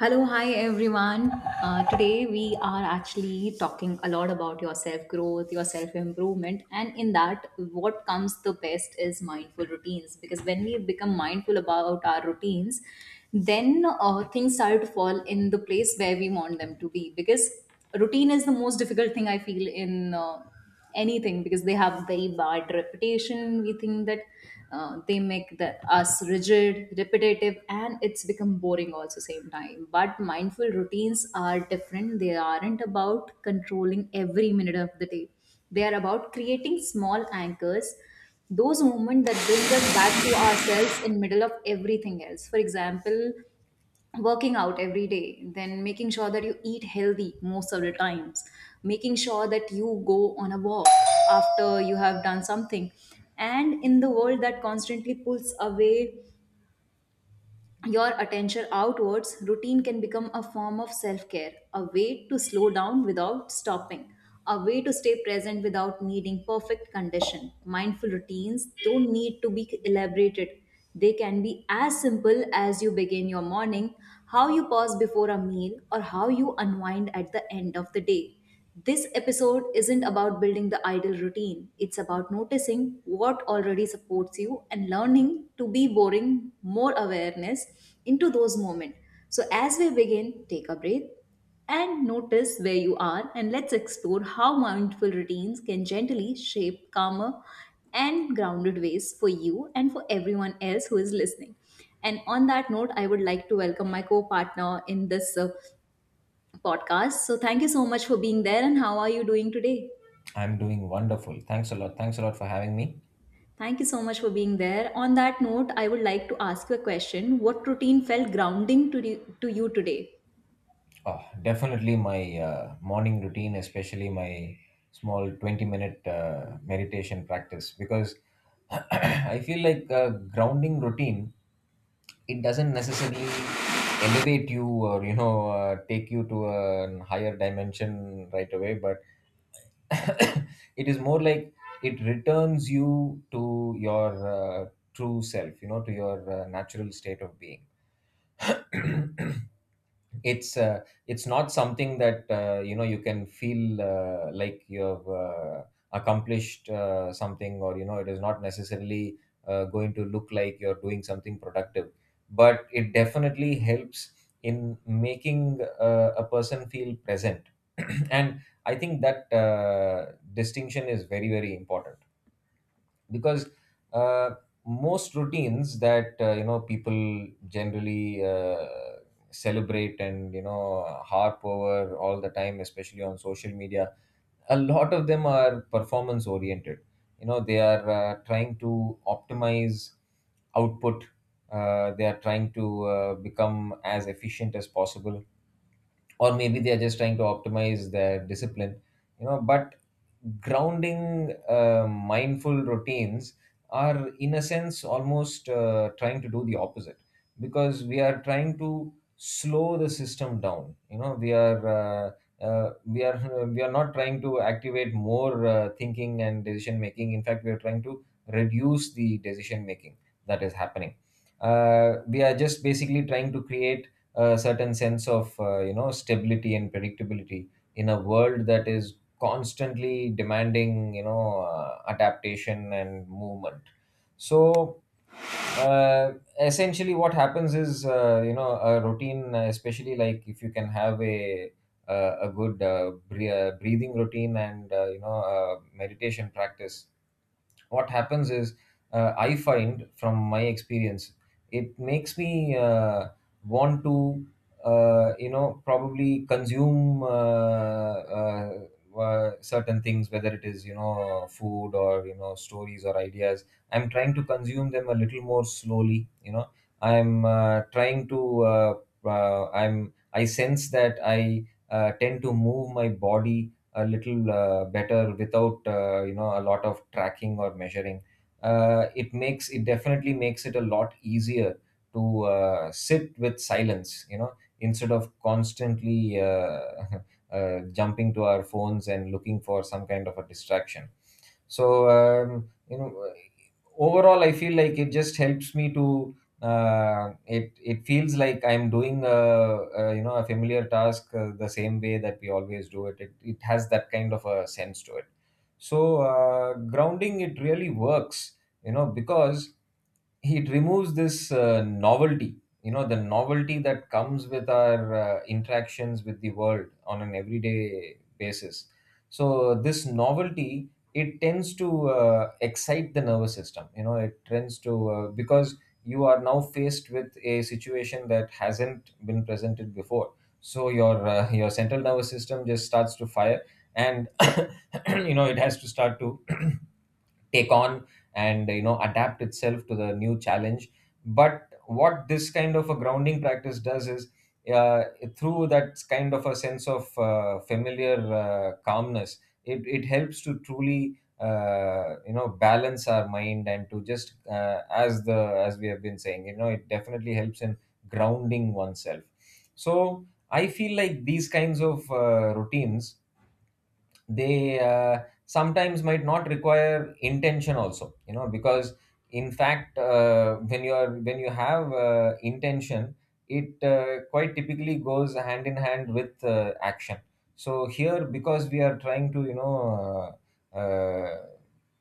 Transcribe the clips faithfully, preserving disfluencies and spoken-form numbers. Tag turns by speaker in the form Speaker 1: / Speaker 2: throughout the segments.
Speaker 1: Hello, hi everyone. Uh, today we are actually talking a lot about your self growth, your self improvement, and in that, what comes the best is mindful routines. Because when we become mindful about our routines, then uh, things start to fall in the place where we want them to be. Because routine is the most difficult thing I feel in. Uh, anything because they have very bad reputation, we think that uh, they make the, us rigid, repetitive, and it's become boring also same time. But mindful routines are different. They aren't about controlling every minute of the day, they are about creating small anchors, those moments that bring us back to ourselves in middle of everything else. For example, working out every day, then making sure that you eat healthy most of the times, making sure that you go on a walk after you have done something. And in the world that constantly pulls away your attention outwards, routine can become a form of self care, a way to slow down without stopping, a way to stay present without needing perfect condition. Mindful routines don't need to be elaborated. They can be as simple as you begin your morning, how you pause before a meal, or how you unwind at the end of the day. This episode isn't about building the ideal routine, it's about noticing what already supports you and learning to be boring more awareness into those moments. So, as we begin, take a breath and notice where you are, and let's explore how mindful routines can gently shape calmer and grounded ways for you and for everyone else who is listening. And on that note, I would like to welcome my co partner in this. Uh, podcast. So thank you so much for being there, and how are you doing today?
Speaker 2: I'm doing wonderful. Thanks a lot. Thanks a lot for having me.
Speaker 1: Thank you so much for being there. On that note, I would like to ask you a question. What routine felt grounding to, you- to you today?
Speaker 2: Oh, definitely my uh, morning routine, especially my small twenty minute uh, meditation practice, because I feel like a grounding routine, it doesn't necessarily elevate you or, you know, uh, take you to a higher dimension right away, but it is more like it returns you to your uh, true self, you know, to your uh, natural state of being. it's uh, it's not something that uh, you know you can feel uh, like you have uh, accomplished uh, something, or you know it is not necessarily uh, going to look like you're doing something productive, but it definitely helps in making uh, a person feel present. And I think that uh, distinction is very very important, because uh, most routines that uh, you know people generally uh, celebrate and you know harp over all the time, especially on social media, a lot of them are performance oriented. You know, they are uh, trying to optimize output. Uh, they are trying to uh, become as efficient as possible, or maybe they are just trying to optimize their discipline. You know, but grounding uh, mindful routines are in a sense almost uh, trying to do the opposite, because we are trying to slow the system down. You know, we are uh, uh, we are we are not trying to activate more uh, thinking and decision making. In fact, we are trying to reduce the decision making that is happening. Uh, we are just basically trying to create a certain sense of uh, you know stability and predictability, in a world that is constantly demanding, you know, uh, adaptation and movement. So uh, essentially what happens is, uh, you know, a routine, uh, especially like if you can have a uh, a good uh, bre- uh, breathing routine and uh, you know uh, meditation practice, what happens is uh, I find from my experience, it makes me uh, want to uh, you know probably consume uh, uh, uh, certain things, whether it is you know food or you know stories or ideas. I'm trying to consume them a little more slowly, you know. I'm uh, trying to uh, uh, i'm I sense that I uh, tend to move my body a little uh, better, without uh, you know a lot of tracking or measuring. Uh, it makes it definitely makes it a lot easier to uh, sit with silence, you know, instead of constantly uh, uh, jumping to our phones and looking for some kind of a distraction. So um, you know, overall I feel like it just helps me to uh, it it feels like I'm doing a, a you know a familiar task, uh, the same way that we always do it. It it has that kind of a sense to it. So uh, grounding, it really works, you know, because it removes this uh, novelty. You know, the novelty that comes with our uh, interactions with the world on an everyday basis. So this novelty, it tends to uh, excite the nervous system. You know, it tends to, uh, because you are now faced with a situation that hasn't been presented before. So your uh, your central nervous system just starts to fire, and you know it has to start to take on and you know adapt itself to the new challenge. But what this kind of a grounding practice does is, uh, through that kind of a sense of uh, familiar uh, calmness, it, it helps to truly uh, you know balance our mind, and to just uh, as the as we have been saying, you know it definitely helps in grounding oneself. So I feel like these kinds of uh, routines, they uh, sometimes might not require intention also, you know, because in fact, uh, when you are when you have uh, intention, it uh, quite typically goes hand in hand with uh, action. So here, because we are trying to you know uh, uh,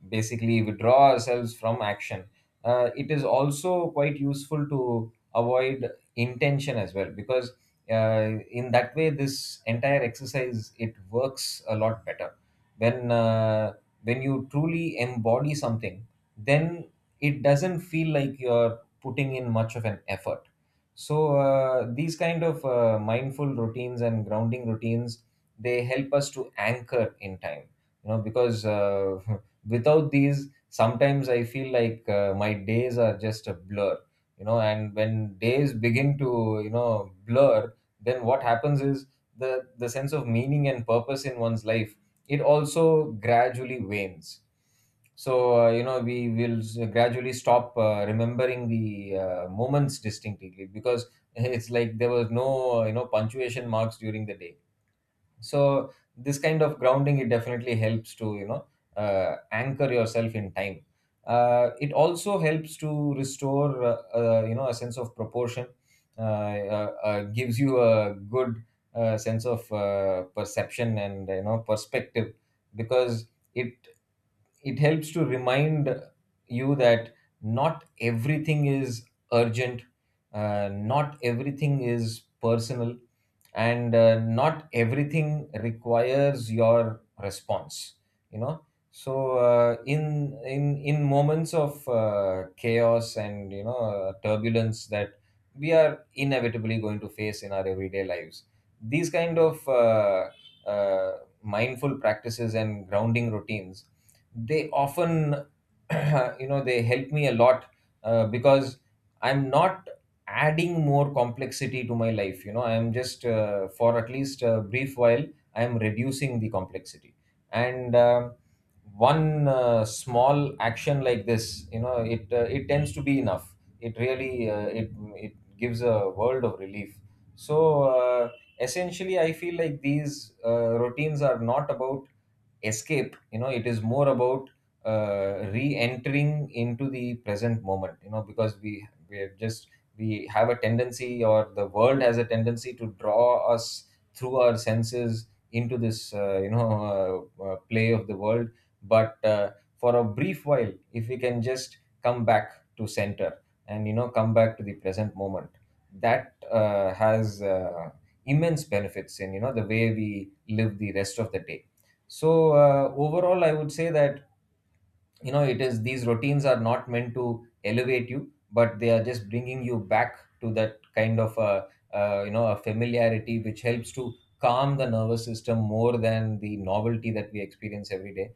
Speaker 2: basically withdraw ourselves from action, uh, it is also quite useful to avoid intention as well, because uh, in that way this entire exercise, it works a lot better when uh, when you truly embody something. Then it doesn't feel like you're putting in much of an effort. So uh, these kind of uh, mindful routines and grounding routines, they help us to anchor in time. You know, because uh, without these, sometimes I feel like uh, my days are just a blur. You know, and when days begin to you know blur, then what happens is, the the sense of meaning and purpose in one's life, it also gradually wanes. So uh, you know, we will s- gradually stop uh, remembering the uh, moments distinctly, because it's like there was no uh, you know punctuation marks during the day. So this kind of grounding, it definitely helps to you know uh, anchor yourself in time. Uh, it also helps to restore, uh, uh, you know, a sense of proportion. Uh, uh, uh, gives you a good uh, sense of uh, perception and you know perspective, because it it helps to remind you that not everything is urgent, uh, not everything is personal, and uh, not everything requires your response. You know, so uh, in in in moments of uh, chaos and you know uh, turbulence that we are inevitably going to face in our everyday lives, these kind of uh, uh, mindful practices and grounding routines, they often you know they help me a lot, uh, because I'm not adding more complexity to my life. You know, I'm just uh, for at least a brief while, I'm reducing the complexity. And um one uh, small action like this, you know, it uh, it tends to be enough. It really uh, it it gives a world of relief. So uh, essentially I feel like these uh, routines are not about escape. You know, it is more about uh, re-entering into the present moment. You know, because we we have just, we have a tendency, or the world has a tendency to draw us through our senses into this uh, you know uh, uh, play of the world. But uh, for a brief while, if we can just come back to center, and you know come back to the present moment, that uh, has uh, immense benefits in you know the way we live the rest of the day. So uh, overall I would say that, you know, it is, these routines are not meant to elevate you, but they are just bringing you back to that kind of a, uh, you know, a familiarity, which helps to calm the nervous system more than the novelty that we experience every day.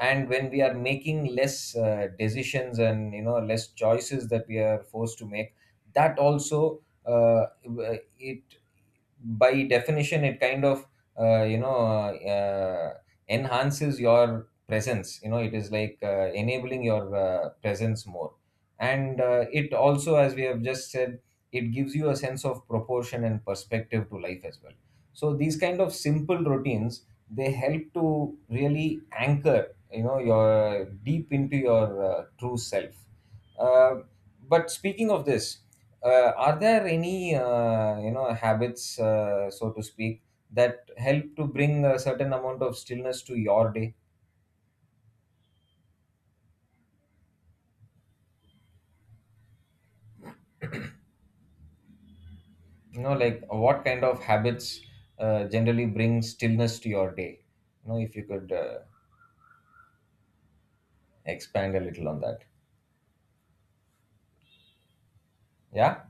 Speaker 2: And when we are making less uh, decisions and you know less choices that we are forced to make, that also, uh, it, by definition, it kind of uh, you know uh, enhances your presence. You know, it is like uh, enabling your uh, presence more. And uh, it also, as we have just said, it gives you a sense of proportion and perspective to life as well. So these kind of simple routines, they help to really anchor, you know, your deep into your uh, true self. uh, but speaking of this, uh, are there any uh, you know habits, uh, so to speak, that help to bring a certain amount of stillness to your day. You know, like, what kind of habits uh, generally bring stillness to your day? You know, if you could uh, expand a little on that. Yeah.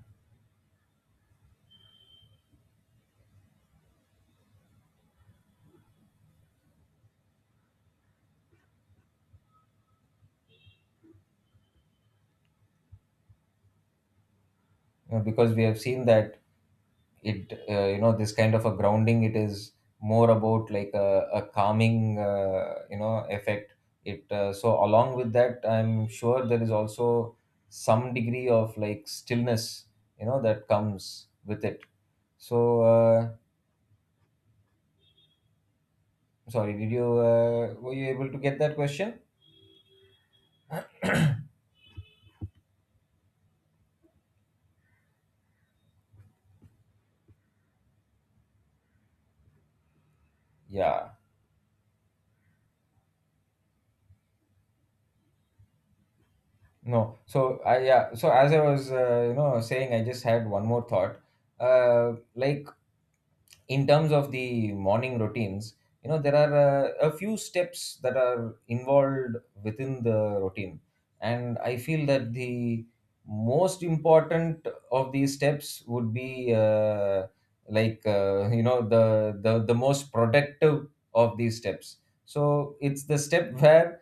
Speaker 2: You know, because we have seen that it, uh, you know, this kind of a grounding, it is more about like a, a calming uh, you know effect. It, uh, so along with that, I'm sure there is also some degree of like stillness, you know, that comes with it. So uh, sorry, did you uh, were you able to get that question? Yeah. No, so I, yeah. So as I was uh, you know saying, I just had one more thought. Uh, like, in terms of the morning routines, you know there are uh, a few steps that are involved within the routine, and I feel that the most important of these steps would be, uh, like, uh, you know, the the the most productive of these steps. So it's the step where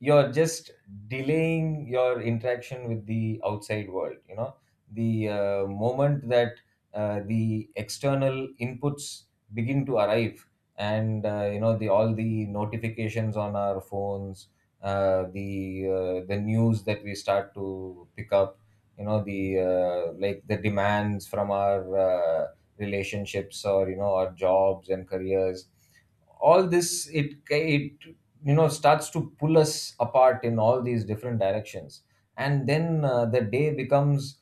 Speaker 2: you're just delaying your interaction with the outside world you know the uh, moment that uh, the external inputs begin to arrive, and uh, you know the all the notifications on our phones, uh, the uh, the news that we start to pick up you know the uh, like the demands from our uh, relationships or you know our jobs and careers. All this it it you know starts to pull us apart in all these different directions, and then uh, the day becomes,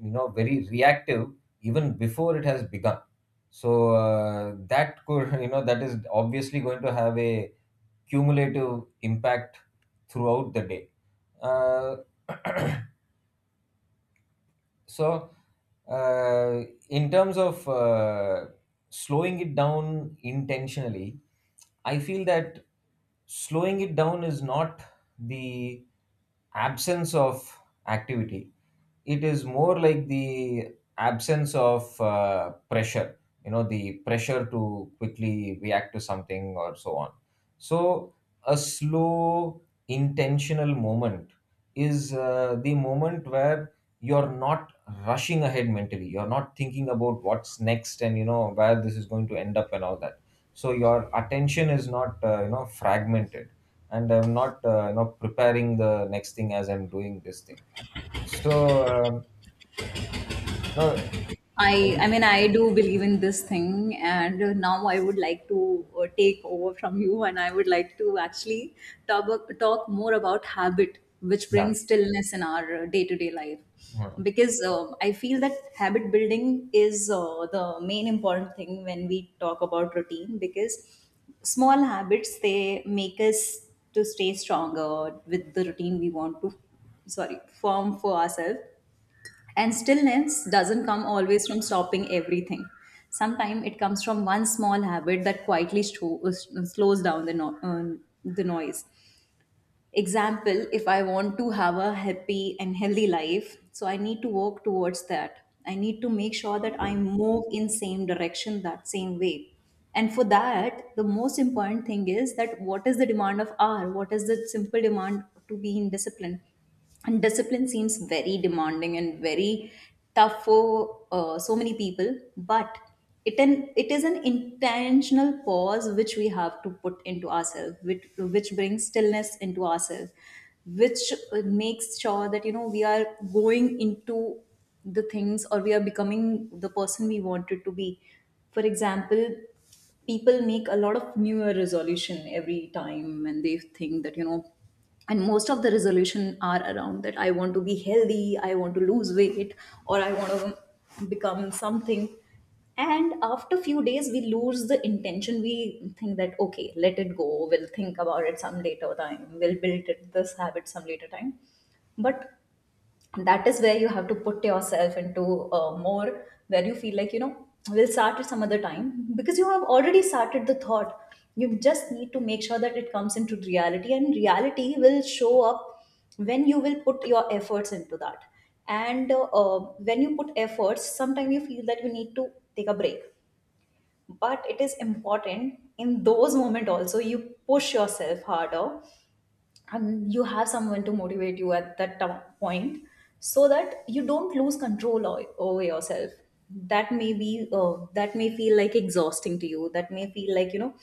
Speaker 2: you know very reactive, even before it has begun. So uh, that could you know that is obviously going to have a cumulative impact throughout the day. uh, so uh, in terms of uh, slowing it down intentionally, I feel that slowing it down is not the absence of activity. It is more like the absence of uh, pressure, you know the pressure to quickly react to something or so on. So a slow intentional moment is uh, the moment where you're not rushing ahead mentally, you're not thinking about what's next and you know where this is going to end up and all that. So your attention is not uh, you know fragmented, and I'm not uh, you know preparing the next thing as I'm doing this thing. So um, no, uh,
Speaker 1: I I mean, I do believe in this thing, and uh, now I would like to uh, take over from you, and I would like to actually talk talk more about habit which
Speaker 2: yeah.
Speaker 1: brings stillness in our uh, day-to-day life,
Speaker 2: Hmm.
Speaker 1: because uh, I feel that habit building is uh, the main important thing when we talk about routine. Because small habits, they make us to stay stronger with the routine we want to, sorry, form for ourselves. And stillness doesn't come always from stopping everything. Sometimes it comes from one small habit that quietly sto- uh, slows down the, no- uh, the noise. Example, if I want to have a happy and healthy life, so I need to work towards that. I need to make sure that I move in same direction, that same way. And for that, the most important thing is that what is the demand of R? What is the simple demand to be in discipline? And discipline seems very demanding and very tough for uh, so many people, but it an, it is an intentional pause which we have to put into ourselves, which, which brings stillness into ourselves, which uh, makes sure that, you know, we are going into the things, or we are becoming the person we wanted to be. For example, people make a lot of new year resolution every time, and they think that, you know, and most of the resolution are around that I want to be healthy, I want to lose weight, or I want to become something. And after few days we lose the intention, we think that okay, let it go, we'll think about it some later time, we'll build it, this habit some later time. But that is where you have to put yourself into uh, more, where you feel like, you know, we'll start at some other time. Because you have already started the thought, you just need to make sure that it comes into reality, and reality will show up when you will put your efforts into that. And uh, uh, when you put efforts, sometimes you feel that you need to take a break. But it is important in those moments also you push yourself harder, and you have someone to motivate you at that to- point, so that you don't lose control o- over yourself. That may be uh, that may feel like exhausting to you, that may feel like, you know,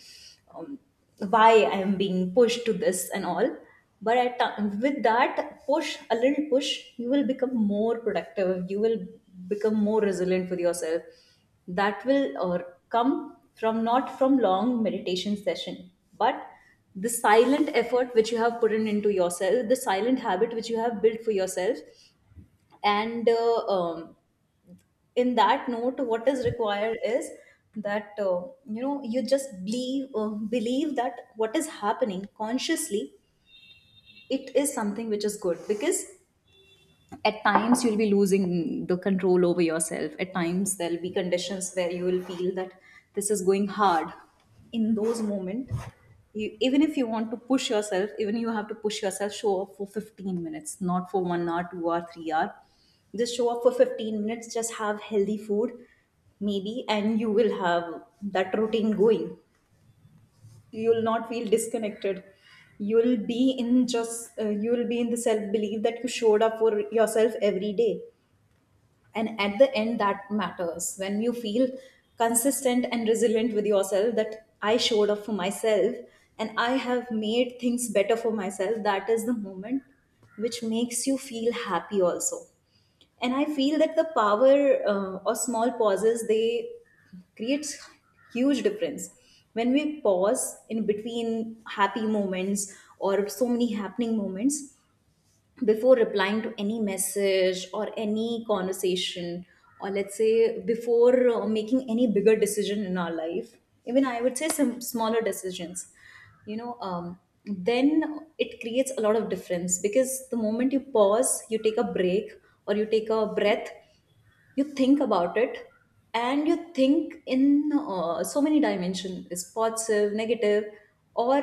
Speaker 1: why I am being pushed to this and all. But at, ti- with that push, a little push, you will become more productive. You will become more resilient with yourself. That will or come from not from long meditation session, but the silent effort which you have put in into yourself, the silent habit which you have built for yourself. And uh, um, in that note, what is required is that, uh, you know, you just believe, uh, believe that what is happening consciously, it is something which is good. Because at times you'll be losing the control over yourself, at times there'll be conditions where you will feel that this is going hard. In those moments, you, even if you want to push yourself, even you have to push yourself, show up for fifteen minutes, not for one hour, two hour, three hour. Just show up for fifteen minutes, just have healthy food maybe, and you will have that routine going. You'll not feel disconnected. You'll be in just uh, you'll be in the self belief that you showed up for yourself every day. And at the end, that matters, when you feel consistent and resilient with yourself, that I showed up for myself, and I have made things better for myself. That is the moment which makes you feel happy also. And I feel that the power uh, or small pauses, they creates huge difference. When we pause in between happy moments, or so many happening moments, before replying to any message or any conversation, or let's say before uh, making any bigger decision in our life, even I would say some smaller decisions, you know, um, then it creates a lot of difference. Because the moment you pause, you take a break, or you take a breath, you think about it, and you think in uh, so many dimensions, is positive, negative, or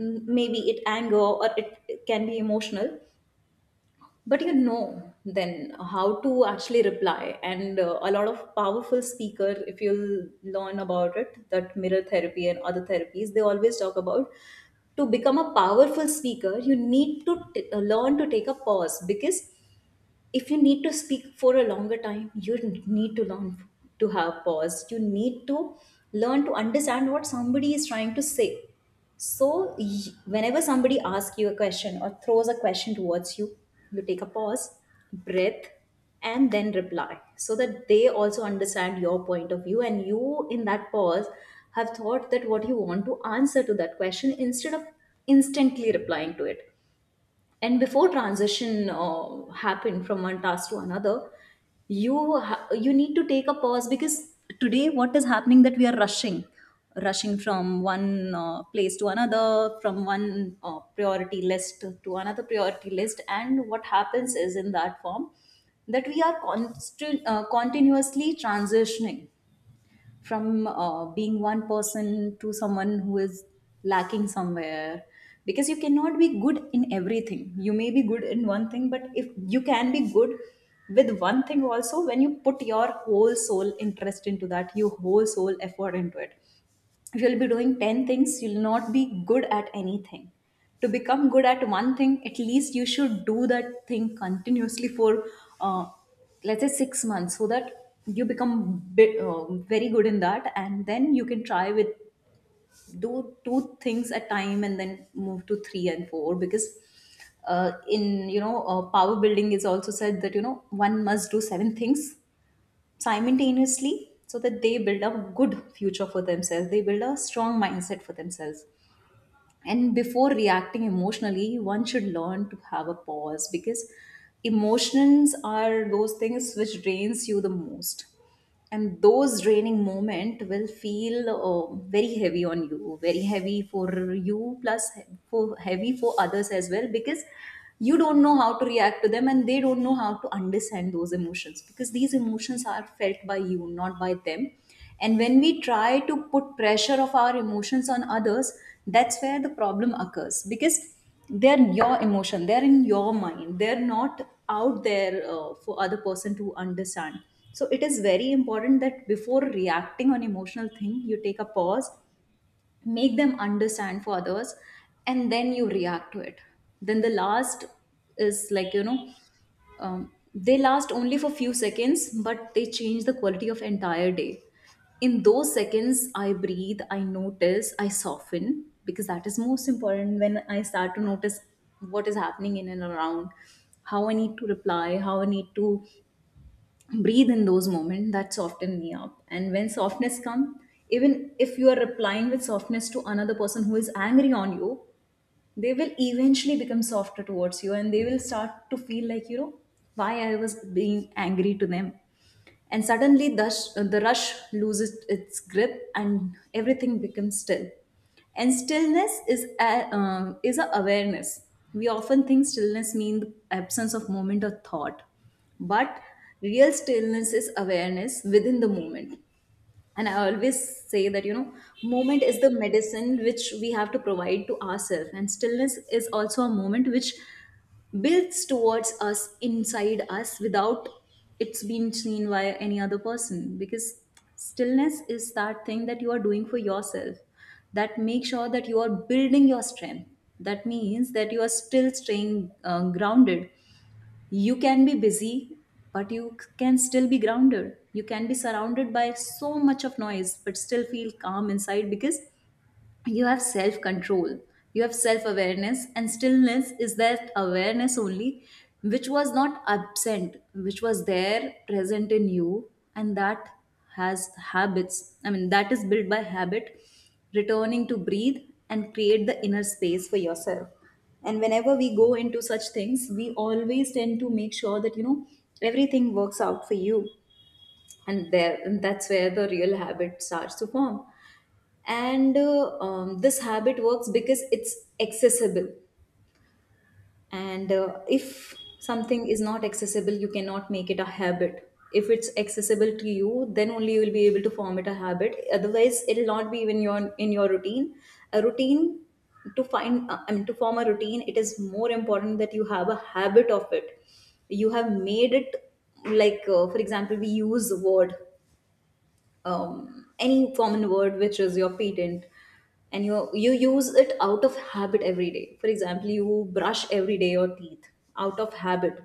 Speaker 1: mm, maybe it anger, or it, it can be emotional. But you know then how to actually reply. And uh, a lot of powerful speaker, if you'll learn about it, that mirror therapy and other therapies, they always talk about, to become a powerful speaker you need to t- uh, learn to take a pause. Because if you need to speak for a longer time, you need to learn to have pause, you need to learn to understand what somebody is trying to say. So y- whenever somebody asks you a question, or throws a question towards you, you take a pause, breath, and then reply, so that they also understand your point of view, and you, in that pause, have thought that what you want to answer to that question, instead of instantly replying to it. And before transition uh, happen from one task to another, you ha- you need to take a pause. Because today what is happening, that we are rushing, rushing from one uh, place to another, from one uh, priority list to another priority list, and what happens is, in that form, that we are constant, uh, continuously transitioning from uh, being one person to someone who is lacking somewhere. Because you cannot be good in everything. You may be good in one thing, but if you can be good with one thing also, when you put your whole soul interest into that, your whole soul effort into it, if you'll be doing ten things, you'll not be good at anything. To become good at one thing, at least you should do that thing continuously for uh, let's say six months, so that you become bit, uh, very good in that, and then you can try with do two things at time, and then move to three and four. Because uh, in, you know, uh, power building is also said that, you know, one must do seven things simultaneously, so that they build a good future for themselves, they build a strong mindset for themselves. And before reacting emotionally, one should learn to have a pause. Because emotions are those things which drains you the most, and those draining moment will feel uh, very heavy on you, very heavy for you, plus he- for heavy for others as well. Because you don't know how to react to them, and they don't know how to understand those emotions, because these emotions are felt by you, not by them. And when we try to put pressure of our emotions on others, that's where the problem occurs. Because they're your emotion, they're in your mind, they're not out there, uh, for other person to understand. So it is very important that before reacting on emotional thing you take a pause, make them understand for others, and then you react to it. Then the last is like you know um, they last only for few seconds, but they change the quality of entire day. In those seconds I breathe, I notice, I soften, because that is most important when I start to notice what is happening in and around, how I need to reply, how I need to breathe in those moments that soften me up. And when softness come, even if you are replying with softness to another person who is angry on you, they will eventually become softer towards you and they will start to feel like you know why I was being angry to them. And suddenly the, sh- the rush loses its grip and everything becomes still. And stillness is a, uh, is a awareness. We often think stillness means absence of moment or thought, but real stillness is awareness within the moment. And I always say that you know moment is the medicine which we have to provide to ourselves, and stillness is also a moment which builds towards us inside us without it's being seen by any other person, because stillness is that thing that you are doing for yourself, that make sure that you are building your strength, that means that you are still staying uh, grounded. You can be busy, but you can still be grounded. You can be surrounded by so much of noise but still feel calm inside, because you have self control, you have self awareness, and stillness is that awareness only, which was not absent, which was there present in you. And that has habits, I mean that is built by habit, returning to breathe and create the inner space for yourself. And whenever we go into such things we always tend to make sure that you know everything works out for you. And there and that's where the real habit starts to form. And uh, um, this habit works because it's accessible. And uh, if something is not accessible you cannot make it a habit. If it's accessible to you, then only you will be able to form it a habit, otherwise it will not be even your in your routine. A routine, to find uh, I mean to form a routine, it is more important that you have a habit of it, you have made it. Like uh, for example, we use word um, any common word which is your patent, and you you use it out of habit every day. For example, you brush every day your teeth, out of habit,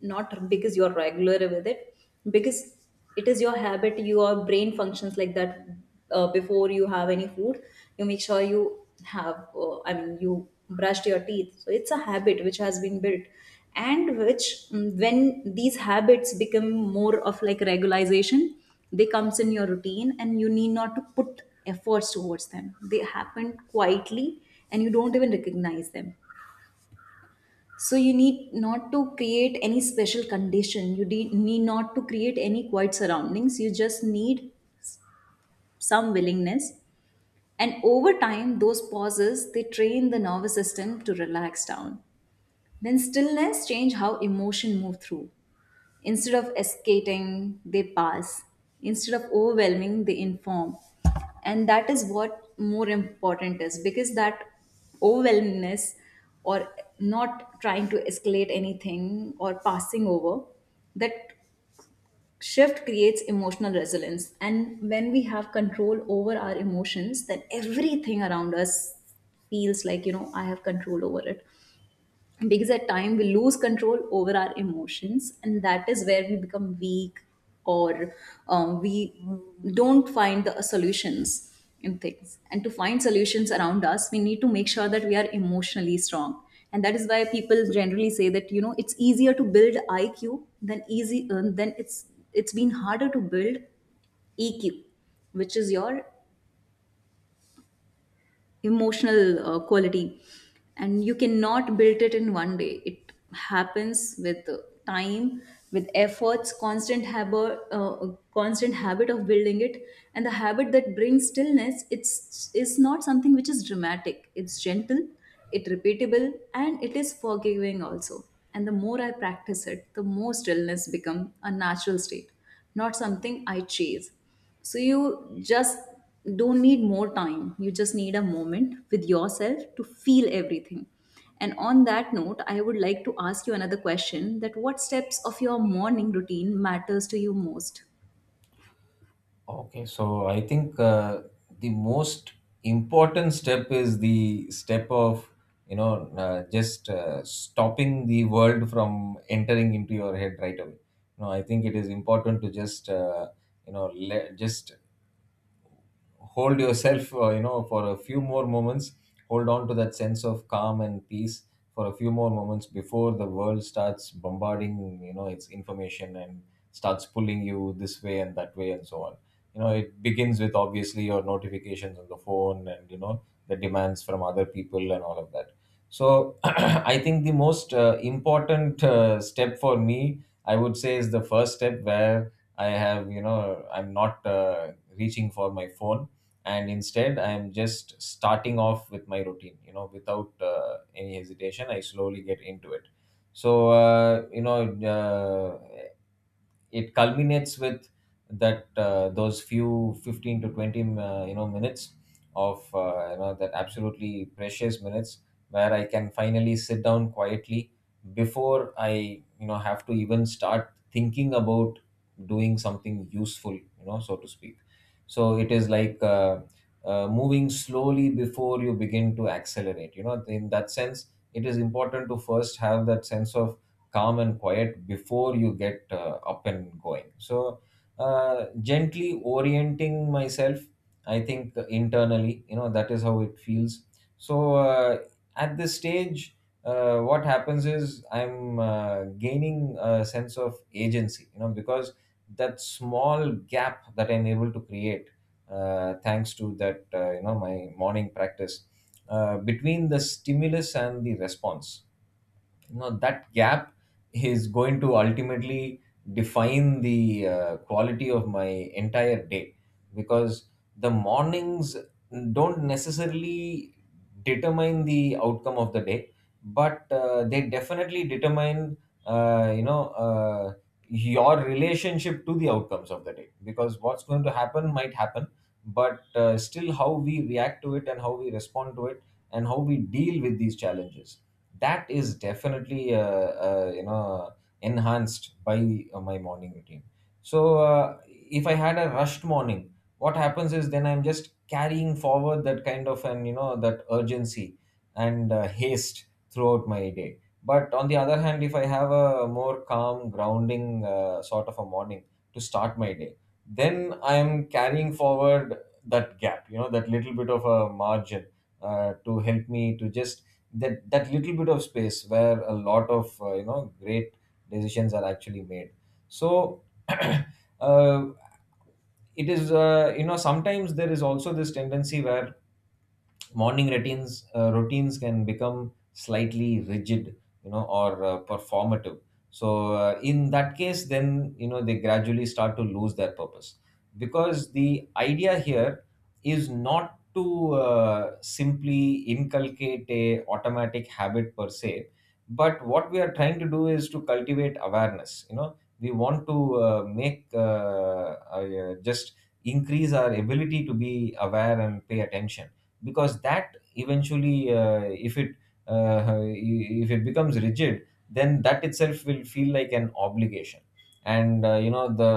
Speaker 1: not because you're regular with it, because it is your habit, your brain functions like that. Uh, before you have any food, you make sure you have uh, I mean you brushed your teeth, so it's a habit which has been built. And which mm, when these habits become more of like regularization, they comes in your routine and you need not to put efforts towards them, they happen quietly and you don't even recognize them. So you need not to create any special condition, you de- need not to create any quiet surroundings, you just need some willingness. And over time, those pauses, they train the nervous system to relax down. Then stillness change how emotion move through. Instead of escaping, they pass. Instead of overwhelming, they inform. And that is what more important is, because that overwhelmingness, or not trying to escalate anything or passing over, that shift creates emotional resilience. And when we have control over our emotions, then everything around us feels like, you know, I have control over it, because at time we lose control over our emotions and that is where we become weak, or um, we don't find the solutions in things. And to find solutions around us, we need to make sure that we are emotionally strong. And that is why people generally say that you know it's easier to build I Q than easy uh, than it's it's been harder to build E Q, which is your emotional uh, quality. And you cannot build it in one day, it happens with uh, time, with efforts, constant habit, uh, constant habit of building it. And the habit that brings stillness, it's is not something which is dramatic, it's gentle, it repeatable, and it is forgiving also. And the more I practice it, the more stillness become a natural state, not something I chase. So you just don't need more time. You just need a moment with yourself to feel everything. And on that note, I would like to ask you another question, that what steps of your morning routine matters to you most?
Speaker 2: Okay, so I think uh, the most important step is the step of you know uh, just uh, stopping the world from entering into your head right away. You know, I think it is important to just uh, you know let, just hold yourself uh, you know for a few more moments, hold on to that sense of calm and peace for a few more moments before the world starts bombarding, you know its information, and starts pulling you this way and that way and so on. You know, it begins with obviously your notifications on the phone and you know the demands from other people and all of that. So I think the most uh, important uh, step for me, I would say, is the first step where I have, you know, I'm not uh, reaching for my phone, and instead I am just starting off with my routine, you know without uh, any hesitation, I slowly get into it. So uh, you know uh, it culminates with that uh, those few fifteen to twenty uh, you know minutes of uh, you know that absolutely precious minutes where I can finally sit down quietly before I, you know have to even start thinking about doing something useful, you know so to speak. So it is like uh, uh, moving slowly before you begin to accelerate, you know in that sense. It is important to first have that sense of calm and quiet before you get uh, up and going. So uh, gently orienting myself, I think internally, you know that is how it feels. So uh, at this stage, uh, what happens is I'm uh, gaining a sense of agency, you know, because that small gap that I'm able to create uh, thanks to that, uh, you know my morning practice, uh, between the stimulus and the response, you know that gap is going to ultimately define the uh, quality of my entire day. Because the mornings don't necessarily determine the outcome of the day, but uh, they definitely determine uh, you know uh, your relationship to the outcomes of the day. Because what's going to happen might happen, but uh, still, how we react to it and how we respond to it and how we deal with these challenges, that is definitely uh, uh, you know enhanced by uh, my morning routine. So uh, if I had a rushed morning, what happens is then I'm just carrying forward that kind of an, you know that urgency and uh, haste throughout my day. But on the other hand, if I have a more calm grounding uh, sort of a morning to start my day, then I am carrying forward that gap, you know that little bit of a margin uh, to help me to just, that that little bit of space where a lot of uh, you know great decisions are actually made. So uh, it is, uh, you know sometimes there is also this tendency where morning routines uh, routines can become slightly rigid, you know or uh, performative. So uh, in that case, then, you know they gradually start to lose their purpose, because the idea here is not to uh, simply inculcate a automatic habit per se, but what we are trying to do is to cultivate awareness. You know, we want to uh, make uh, uh, just increase our ability to be aware and pay attention. Because that eventually uh, if it uh, if it becomes rigid, then that itself will feel like an obligation. And uh, you know, the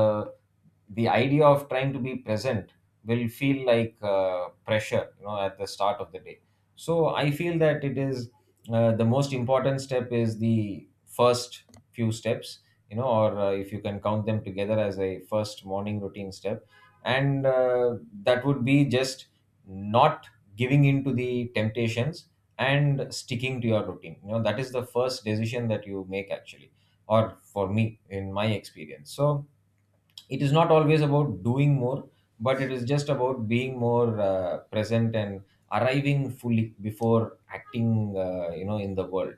Speaker 2: the idea of trying to be present will feel like uh, pressure, you know at the start of the day. So I feel that it is uh, the most important step is the first few steps, you know or uh, if you can count them together as a first morning routine step. And uh, that would be just not giving in to the temptations and sticking to your routine, you know that is the first decision that you make, actually, or for me in my experience. So it is not always about doing more, but it is just about being more uh, present and arriving fully before acting, uh, you know in the world.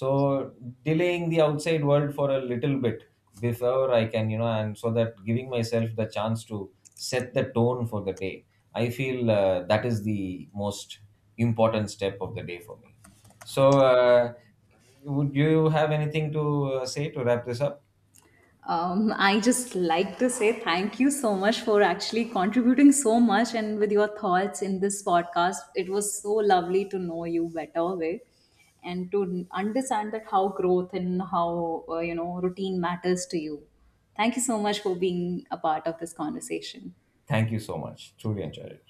Speaker 2: So delaying the outside world for a little bit before I can, you know and so that giving myself the chance to set the tone for the day, I feel uh, that is the most important step of the day for me. So uh, would you have anything to uh, say to wrap this up?
Speaker 1: Um, I just like to say thank you so much for actually contributing so much and with your thoughts in this podcast. It was so lovely to know you better way, and to understand that how growth and how uh, you know, routine matters to you. Thank you so much for being a part of this conversation.
Speaker 2: Thank you so much, truly enjoyed it.